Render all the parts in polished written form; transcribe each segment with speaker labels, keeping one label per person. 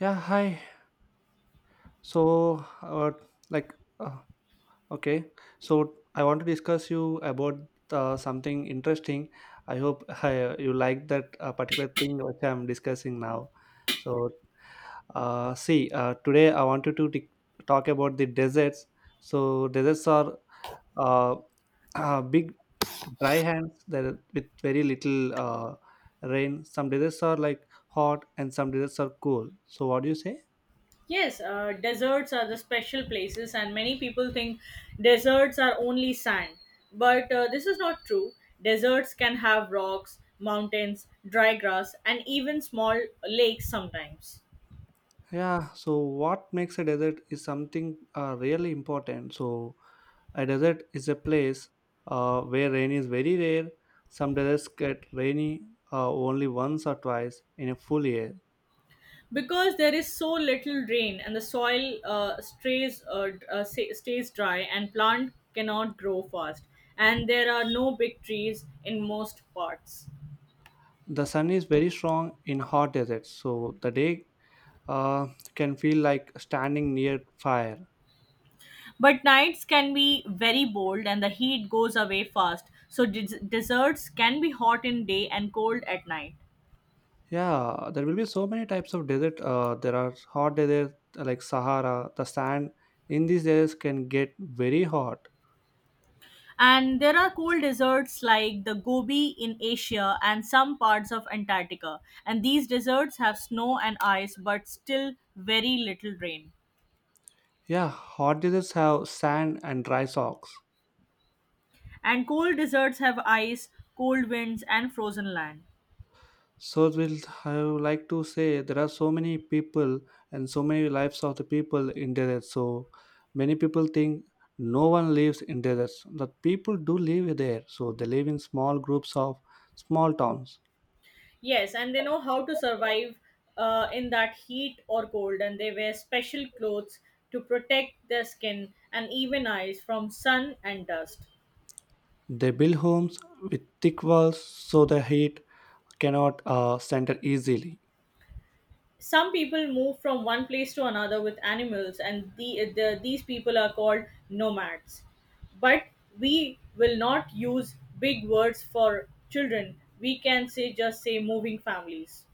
Speaker 1: Yeah, hi. So, uh, like, uh, okay. So, I want to discuss you about something interesting. I hope you like that particular thing which I'm discussing now. So, see, today I wanted to talk about the deserts. So, deserts are uh, big dry hands that with very little rain. Some deserts are like hot, and some deserts are cool. So, what do you say?
Speaker 2: Yes, deserts are the special places, and many people think deserts are only sand. But this is not true. Deserts can have rocks, mountains, dry grass, and even small lakes sometimes.
Speaker 1: Yeah, so what makes a desert is something really important. So, a desert is a place where rain is very rare. Some deserts get rainy only once or twice in a full year.
Speaker 2: Because there is so little rain and the soil stays dry, and plant cannot grow fast, and there are no big trees in most parts.
Speaker 1: The sun is very strong in hot deserts, so the day uh, can feel like standing near fire.
Speaker 2: But nights can be very bold and the heat goes away fast. So desserts can be hot in day and cold at night.
Speaker 1: Yeah, there will be so many types of desert. There are hot deserts like Sahara. The sand in these deserts can get very hot.
Speaker 2: And there are cold deserts like the Gobi in Asia and some parts of Antarctica. And these deserts have snow and ice but still very little rain.
Speaker 1: Yeah, hot deserts have sand and dry socks.
Speaker 2: And cold deserts have ice, cold winds and frozen land.
Speaker 1: So we'll I would like to say there are so many people and so many lives of the people in deserts. So many people think no one lives in deserts. But people do live there. So they live in small groups of small towns.
Speaker 2: Yes, and they know how to survive in that heat or cold, and they wear special clothes to protect their skin and even eyes from sun and dust.
Speaker 1: They build homes with thick walls so the heat cannot center easily.
Speaker 2: Some people move from one place to another with animals, and these people are called nomads. But we will not use big words for children. We can say just say moving families.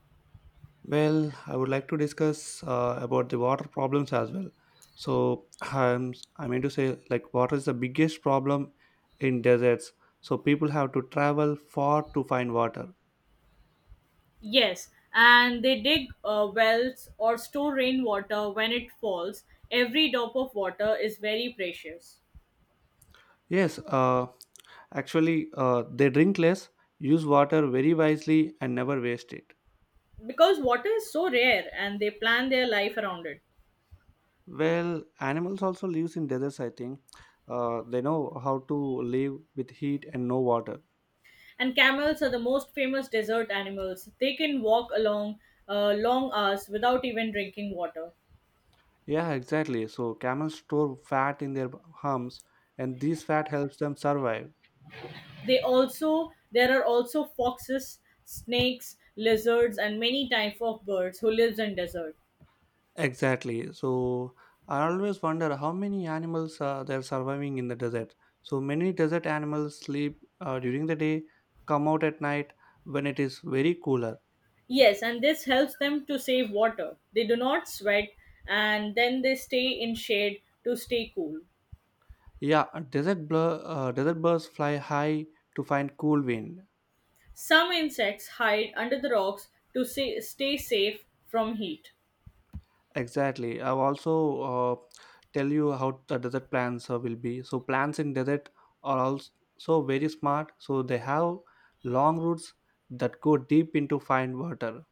Speaker 1: Well, I would like to discuss about the water problems as well. So, I mean to say, like, water is the biggest problem in deserts. So, people have to travel far to find water.
Speaker 2: Yes, and they dig wells or store rainwater when it falls. Every drop of water is very precious
Speaker 1: Yes, uh, actually, they drink less, use water very wisely, and never waste it.
Speaker 2: because water is so rare and they plan their life around it.
Speaker 1: Well, animals also lives in deserts, I think. They know how to live with heat and no water.
Speaker 2: And camels are the most famous desert animals. They can walk along long hours without even drinking water.
Speaker 1: Yeah, exactly. So camels store fat in their humps, and this fat helps them survive.
Speaker 2: They also There are also foxes, snakes, lizards and many types of birds who lives in desert.
Speaker 1: Exactly. So I always wonder how many animals they're surviving in the desert. So many desert animals sleep during the day, come out at night when it is very cooler.
Speaker 2: Yes, and this helps them to save water. They do not sweat and then they stay in shade to stay cool.
Speaker 1: Yeah, desert birds fly high to find cool wind.
Speaker 2: Some insects hide under the rocks to stay safe from heat.
Speaker 1: Exactly. I'll also tell you how the desert plants will be. So plants in desert are also very smart. So they have long roots that go deep into fine water.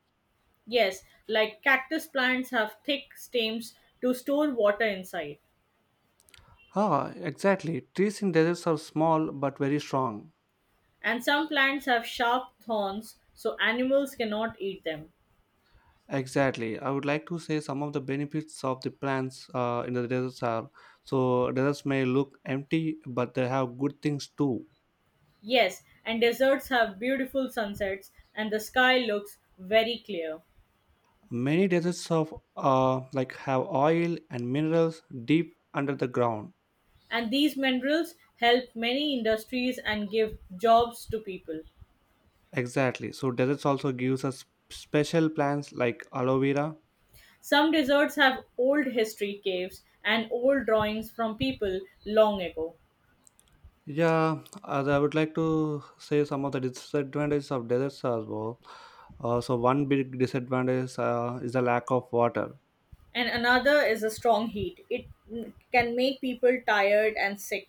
Speaker 2: Yes, like cactus plants have thick stems to store water inside.
Speaker 1: Ah, exactly. Trees in deserts are small but very strong.
Speaker 2: And some plants have sharp thorns so animals cannot eat them.
Speaker 1: Exactly. I would like to say some of the benefits of the plants in the deserts are so deserts may look empty, but they have good things too.
Speaker 2: Yes, and deserts have beautiful sunsets and the sky looks very clear.
Speaker 1: Many deserts of like have oil and minerals deep under the ground.
Speaker 2: And these minerals help many industries and give jobs to people.
Speaker 1: Exactly. So deserts also gives us special plants like aloe vera.
Speaker 2: Some deserts have old history caves and old drawings from people long ago.
Speaker 1: Yeah, as I would like to say some of the disadvantages of deserts as well. So one big disadvantage is the lack of water.
Speaker 2: And another is a strong heat. It can make people tired and sick.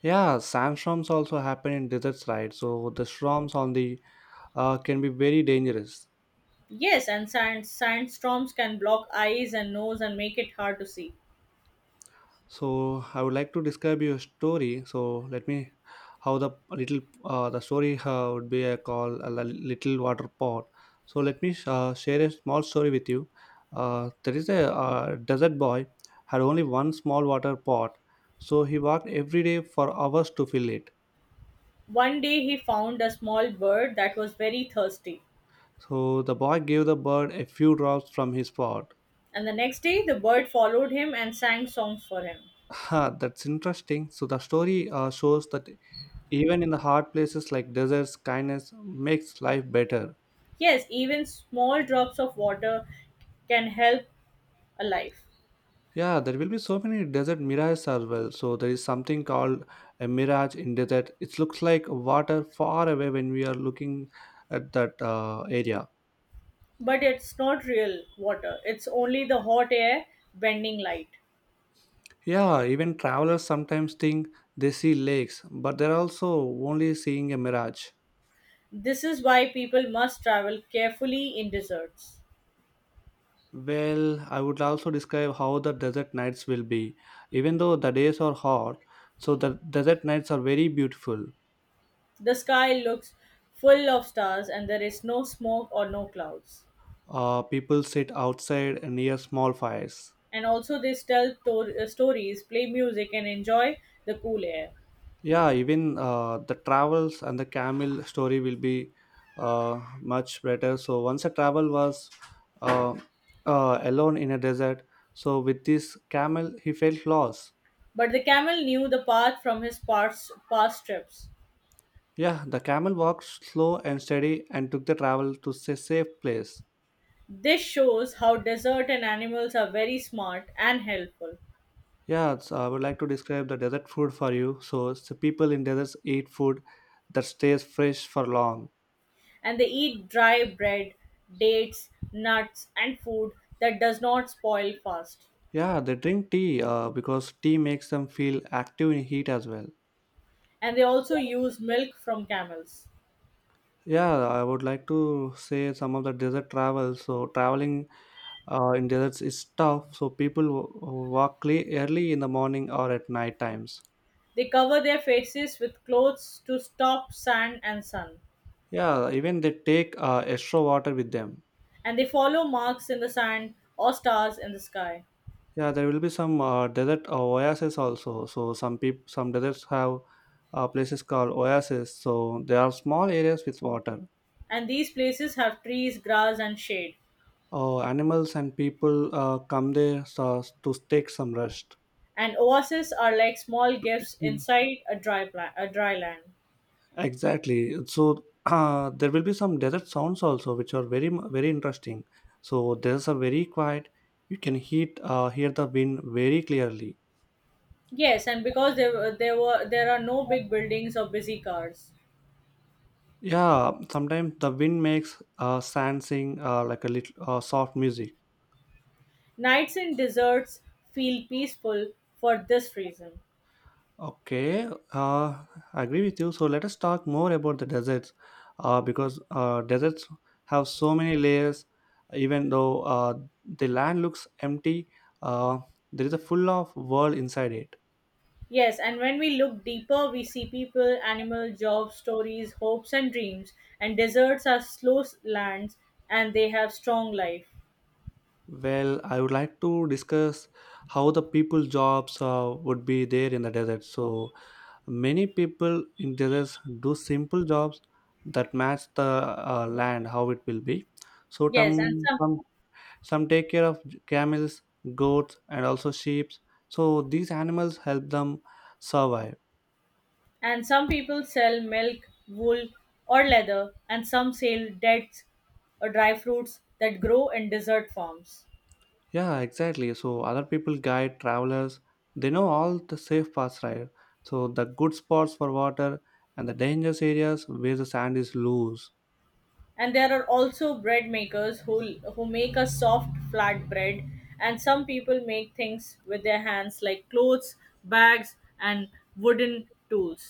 Speaker 1: Yeah, sandstorms also happen in deserts, right? So the storms on the can be very dangerous.
Speaker 2: Yes, and sandstorms can block eyes and nose and make it hard to see.
Speaker 1: So I would like to describe your story. So let me how the little the story would be a call a little water pot. So let me share a small story with you. There is a desert boy had only one small water pot, so he walked every day for hours to fill it.
Speaker 2: One day he found a small bird that was very thirsty,
Speaker 1: So the boy gave the bird a few drops from his pot.
Speaker 2: and the next day the bird followed him and sang songs for him.
Speaker 1: Ha, that's interesting. So the story shows that even in the hard places like deserts, kindness makes life better.
Speaker 2: Yes, even small drops of water can help a life.
Speaker 1: Yeah, there will be so many desert mirages as well. So there is something called a mirage in desert. It looks like water far away when we are looking at that area.
Speaker 2: But it's not real water, it's only the hot air bending light.
Speaker 1: Yeah, even travelers sometimes think they see lakes, but they're also only seeing a mirage.
Speaker 2: This is why people must travel carefully in deserts.
Speaker 1: Well, I would also describe how the desert nights will be. Even though the days are hot, so the desert nights are very beautiful.
Speaker 2: The sky looks full of stars and there is no smoke or no clouds.
Speaker 1: People sit outside near small fires.
Speaker 2: And also, they tell stories, play music, and enjoy the cool air.
Speaker 1: Yeah, even the travels and the camel story will be much better. So once a travel was uh, alone in a desert, so with this camel he felt lost.
Speaker 2: But the camel knew the path from his past trips.
Speaker 1: Yeah, the camel walked slow and steady and took the travel to a safe place.
Speaker 2: This shows how desert and animals are very smart and helpful,
Speaker 1: Yeah, so I would like to describe the desert food for you. So it's the people in deserts eat food that stays fresh for long.
Speaker 2: and they eat dry bread, dates, nuts, and food that does not spoil fast.
Speaker 1: Yeah, they drink tea because tea makes them feel active in heat as well.
Speaker 2: And they also use milk from camels.
Speaker 1: Yeah, I would like to say some of the desert travel. So traveling in deserts is tough. So people walk early in the morning or at night times.
Speaker 2: They cover their faces with clothes to stop sand and sun,
Speaker 1: Yeah, even they take extra water with them.
Speaker 2: and they follow marks in the sand or stars in the sky.
Speaker 1: Yeah, there will be some desert oases also. So some deserts have places called oases. So they are small areas with water.
Speaker 2: And these places have trees, grass, and shade.
Speaker 1: Animals and people come there so, to take some rest.
Speaker 2: And oases are like small gifts
Speaker 1: Hmm.
Speaker 2: inside a dry land.
Speaker 1: Exactly. So there will be some desert sounds also, which are very very interesting. So there's a very quiet. You can hear the wind very clearly.
Speaker 2: Yes, and because there are no big buildings or busy cars.
Speaker 1: Yeah, sometimes the wind makes sand sing like a little soft music.
Speaker 2: Nights in deserts feel peaceful for this reason.
Speaker 1: Okay, uh, I agree with you. So let us talk more about the deserts, because deserts have so many layers. Even though the land looks empty, uh, there is a full of world inside it.
Speaker 2: Yes, and when we look deeper, we see people, animal, jobs, stories, hopes, and dreams. And deserts are slow lands, and they have strong life.
Speaker 1: Well, I would like to discuss how the people jobs would be there in the desert. So many people in deserts do simple jobs that match the land how it will be. So
Speaker 2: Yes,
Speaker 1: some some some take care of camels, goats, and also sheep. So these animals help them survive.
Speaker 2: and some people sell milk, wool, or leather, and some sell dates or dry fruits that grow in desert farms.
Speaker 1: Yeah, exactly. So other people guide travelers. They know all the safe paths, right? So the good spots for water and the dangerous areas where the sand is loose.
Speaker 2: And there are also bread makers who make a soft flat bread, and some people make things with their hands like clothes, bags, and wooden tools.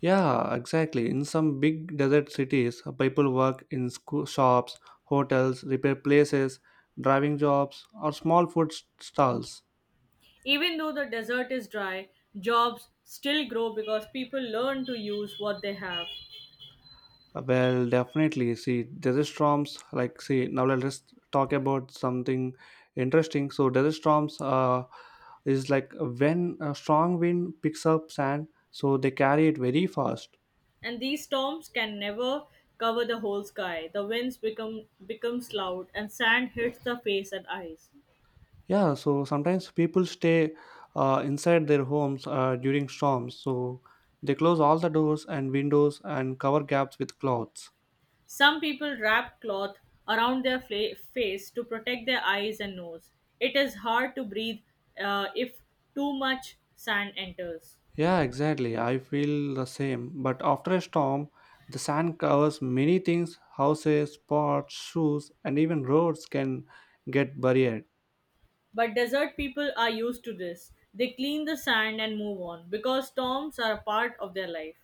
Speaker 1: Yeah, exactly. In some big desert cities, people work in shops, hotels, repair places, driving jobs, or small food stalls.
Speaker 2: Even though the desert is dry, jobs still grow because people learn to use what they have.
Speaker 1: Well, definitely. See, desert storms, like, see, now let's talk about something interesting. So, desert storms is like when a strong wind picks up sand, so they carry it very fast.
Speaker 2: And these storms can never cover the whole sky. The winds become becomes loud and sand hits the face and eyes.
Speaker 1: Yeah, so sometimes people stay inside their homes during storms. So, they close all the doors and windows and cover gaps with cloths.
Speaker 2: Some people wrap cloth around their face to protect their eyes and nose. It is hard to breathe if too much sand enters.
Speaker 1: Yeah, exactly. I feel the same. But after a storm, the sand covers many things houses, pots, shoes, and even roads can get buried.
Speaker 2: But desert people are used to this. They clean the sand and move on because storms are a part of their life.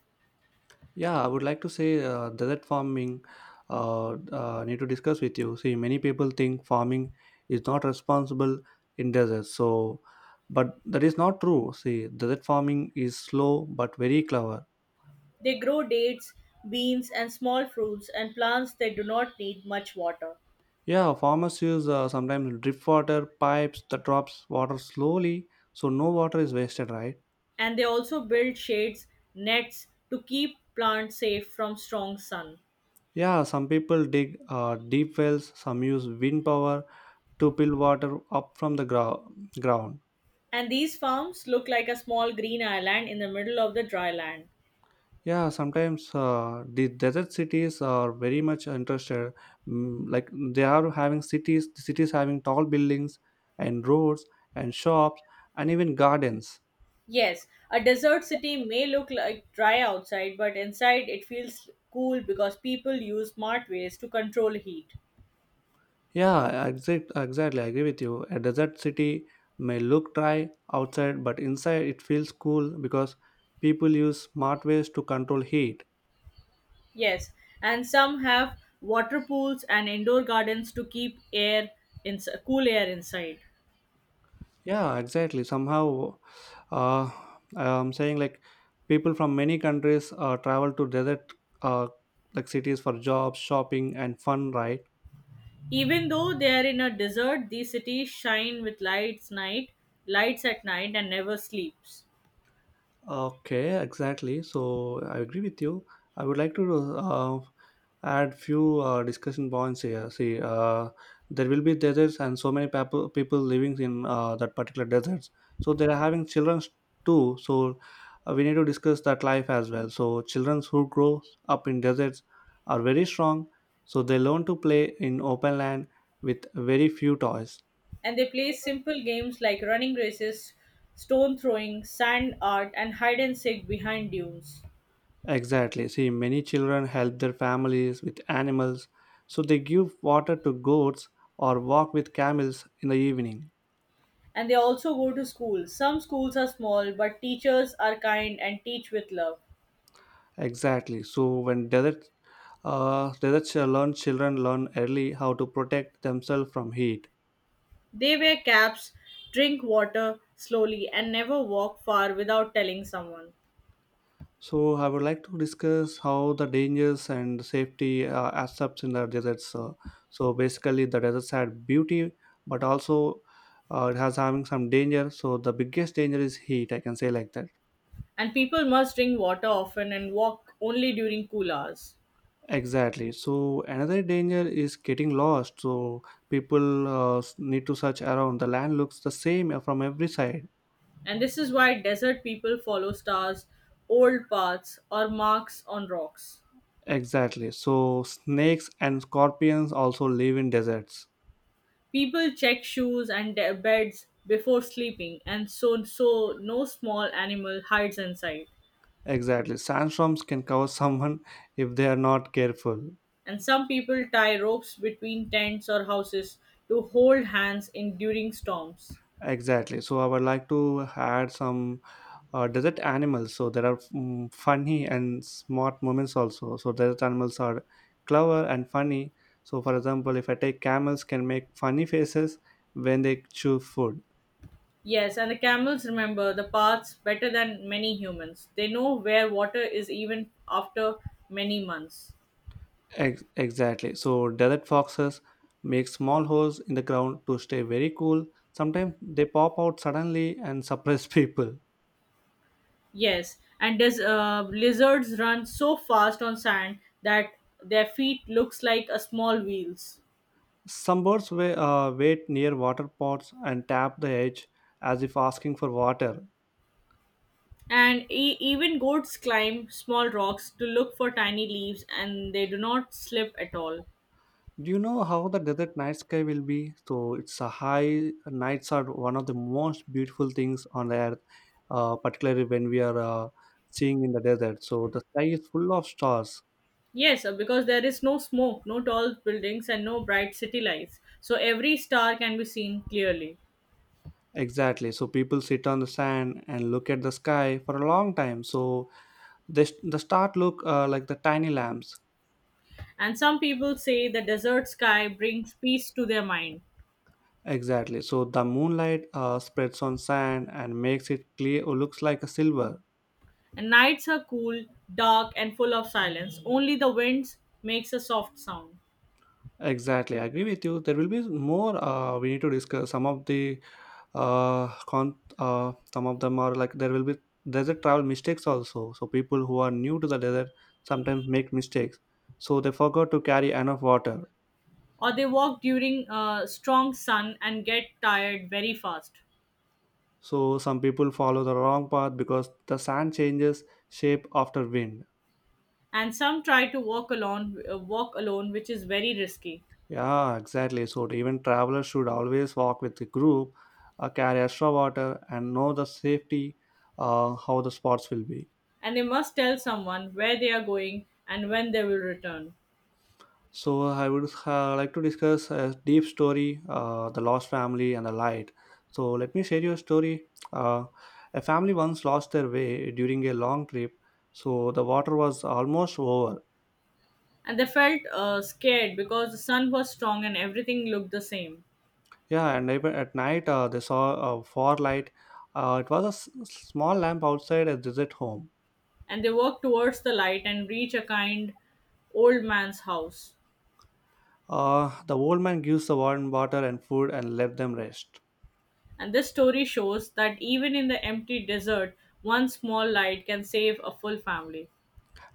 Speaker 1: Yeah, I would like to say desert farming. Need to discuss with you. See, many people think farming is not responsible in desert. So, but that is not true. See, desert farming is slow but very clever.
Speaker 2: They grow dates, beans, and small fruits and plants that do not need much water.
Speaker 1: Yeah, farmers use sometimes drip water pipes that drops water slowly, so no water is wasted, right?
Speaker 2: And they also build shades, nets to keep plants safe from strong sun.
Speaker 1: Yeah, some people dig deep wells, some use wind power to pull water up from the ground.
Speaker 2: And these farms look like a small green island in the middle of the dry land.
Speaker 1: Yeah, sometimes the desert cities are very much interested. Mm, like they are having cities, the cities having tall buildings and roads and shops and even gardens.
Speaker 2: Yes, a desert city may look like dry outside, but inside it feels cool because people use smart ways to control heat.
Speaker 1: Yeah, exactly. I agree with you. A desert city may look dry outside, but inside it feels cool because people use smart ways to control heat.
Speaker 2: Yes, and some have water pools and indoor gardens to keep air in cool air inside.
Speaker 1: Yeah, exactly. Somehow, uh, I'm saying like people from many countries travel to desert uh, like cities for jobs, shopping, and fun, right?
Speaker 2: Even though they are in a desert, these cities shine with lights at night and never sleeps.
Speaker 1: Okay, exactly. So I agree with you. I would like to add few discussion points here. See, there will be deserts and so many people living in that particular deserts. So they are having children too. So we need to discuss that life as well. So children who grow up in deserts are very strong. So they learn to play in open land with very few toys.
Speaker 2: And they play simple games like running races, stone throwing, sand art, and hide and seek behind dunes.
Speaker 1: Exactly. See, many children help their families with animals, so they give water to goats or walk with camels in the evening.
Speaker 2: And they also go to school. Some schools are small, but teachers are kind and teach with love.
Speaker 1: Exactly. So when desert, desert ch- learn children learn early how to protect themselves from heat.
Speaker 2: They wear caps, drink water slowly, and never walk far without telling someone.
Speaker 1: So I would like to discuss how the dangers and safety aspects in the deserts. So basically, the deserts had beauty, but also it has having some danger. So the biggest danger is heat. I can say like that.
Speaker 2: And people must drink water often and walk only during cool hours.
Speaker 1: Exactly. So another danger is getting lost. So people need to search around. The land looks the same from every side.
Speaker 2: And this is why desert people follow stars, old paths, or marks on rocks.
Speaker 1: Exactly. So snakes and scorpions also live in deserts.
Speaker 2: People check shoes and their beds before sleeping, and so no small animal hides inside.
Speaker 1: Exactly. Sandstorms can cover someone if they are not careful.
Speaker 2: And some people tie ropes between tents or houses to hold hands in during storms.
Speaker 1: Exactly. So I would like to add some desert animals. So there are funny and smart moments also. So desert animals are clever and funny. So for example, if I take camels can make funny faces when they chew food.
Speaker 2: Yes, and the camels remember the paths better than many humans. They know where water is even after many months.
Speaker 1: Exactly. So desert foxes make small holes in the ground to stay very cool. Sometimes they pop out suddenly and surprise people.
Speaker 2: Yes, and lizards run so fast on sand that their feet looks like a small wheels.
Speaker 1: Some birds wait near water pots and tap the edge as if asking for water.
Speaker 2: And even goats climb small rocks to look for tiny leaves and they do not slip at all.
Speaker 1: Do you know how the desert night sky will be? So it's a high nights are one of the most beautiful things on the earth, particularly when we are seeing in the desert. So the sky is full of stars.
Speaker 2: Yes, because there is no smoke, no tall buildings, and no bright city lights, so every star can be seen clearly.
Speaker 1: Exactly. So people sit on the sand and look at the sky for a long time. So they, the stars look like the tiny lamps.
Speaker 2: And some people say the desert sky brings peace to their mind.
Speaker 1: Exactly. So the moonlight spreads on sand and makes it clear. Looks like a silver.
Speaker 2: And nights are cool, dark, and full of silence. Only the winds makes a soft sound.
Speaker 1: Exactly, I agree with you. There will be more. We need to discuss some of the con. Some of them are like there will be desert travel mistakes also. So people who are new to the desert sometimes make mistakes. So they forgot to carry enough water.
Speaker 2: Or they walk during a strong sun and get tired very fast.
Speaker 1: So some people follow the wrong path because the sand changes shape after wind.
Speaker 2: And some try to walk alone, which is very risky.
Speaker 1: Yeah, exactly. So even travelers should always walk with the group, carry extra water, and know the safety. How the spots will be.
Speaker 2: And they must tell someone where they are going and when they will return.
Speaker 1: So I would like to discuss a deep story, the lost family and the light. So let me share you a story. Uh, a family once lost their way during a long trip, so the water was almost over.
Speaker 2: And they felt scared because the sun was strong and everything looked the same.
Speaker 1: Yeah, and even at night they saw a far light. It was a small lamp outside a desert home.
Speaker 2: And they walked towards the light and reached a kind old man's house.
Speaker 1: The old man gives the warm water and food and let them rest.
Speaker 2: And this story shows that even in the empty desert, one small light can save a full family.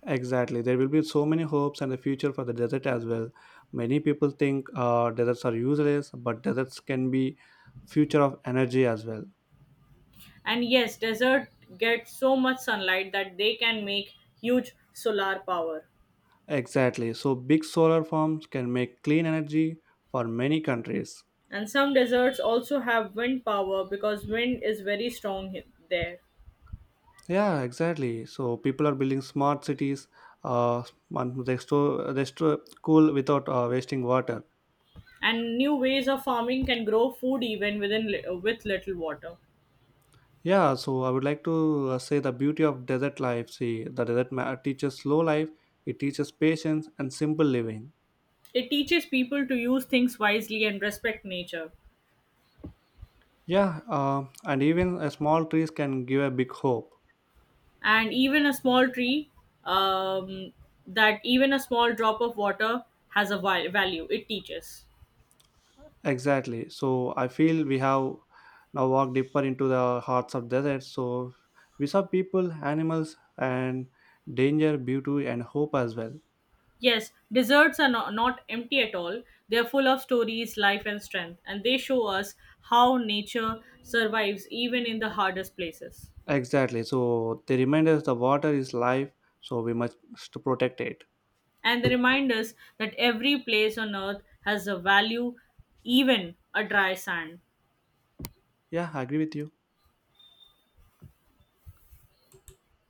Speaker 1: Exactly. There will be so many hopes and the future for the desert as well. Many people think deserts are useless, but deserts can be future of energy as well.
Speaker 2: And yes, desert get so much sunlight that they can make huge solar power.
Speaker 1: Exactly. So big solar farms can make clean energy for many countries.
Speaker 2: And some deserts also have wind power because wind is very strong there.
Speaker 1: Yeah, exactly. So people are building smart cities. Uh, they store cool without wasting water.
Speaker 2: And new ways of farming can grow food even with little water.
Speaker 1: Yeah. So I would like to say the beauty of desert life. See, the desert teaches slow life. It teaches patience and simple living.
Speaker 2: It teaches people to use things wisely and respect nature.
Speaker 1: Yeah, and even a small trees can give a big hope.
Speaker 2: And even a small tree, um, that even a small drop of water has a value. It teaches.
Speaker 1: Exactly. So I feel we have now walked deeper into the hearts of deserts. So we saw people, animals, and danger, beauty, and hope as well.
Speaker 2: Yes, deserts are not empty at all. They are full of stories, life, and strength, and they show us how nature survives even in the hardest places.
Speaker 1: Exactly. So they remind us the water is life, so we must protect it.
Speaker 2: And they remind us that every place on earth has a value, even a dry sand.
Speaker 1: Yeah, I agree with you.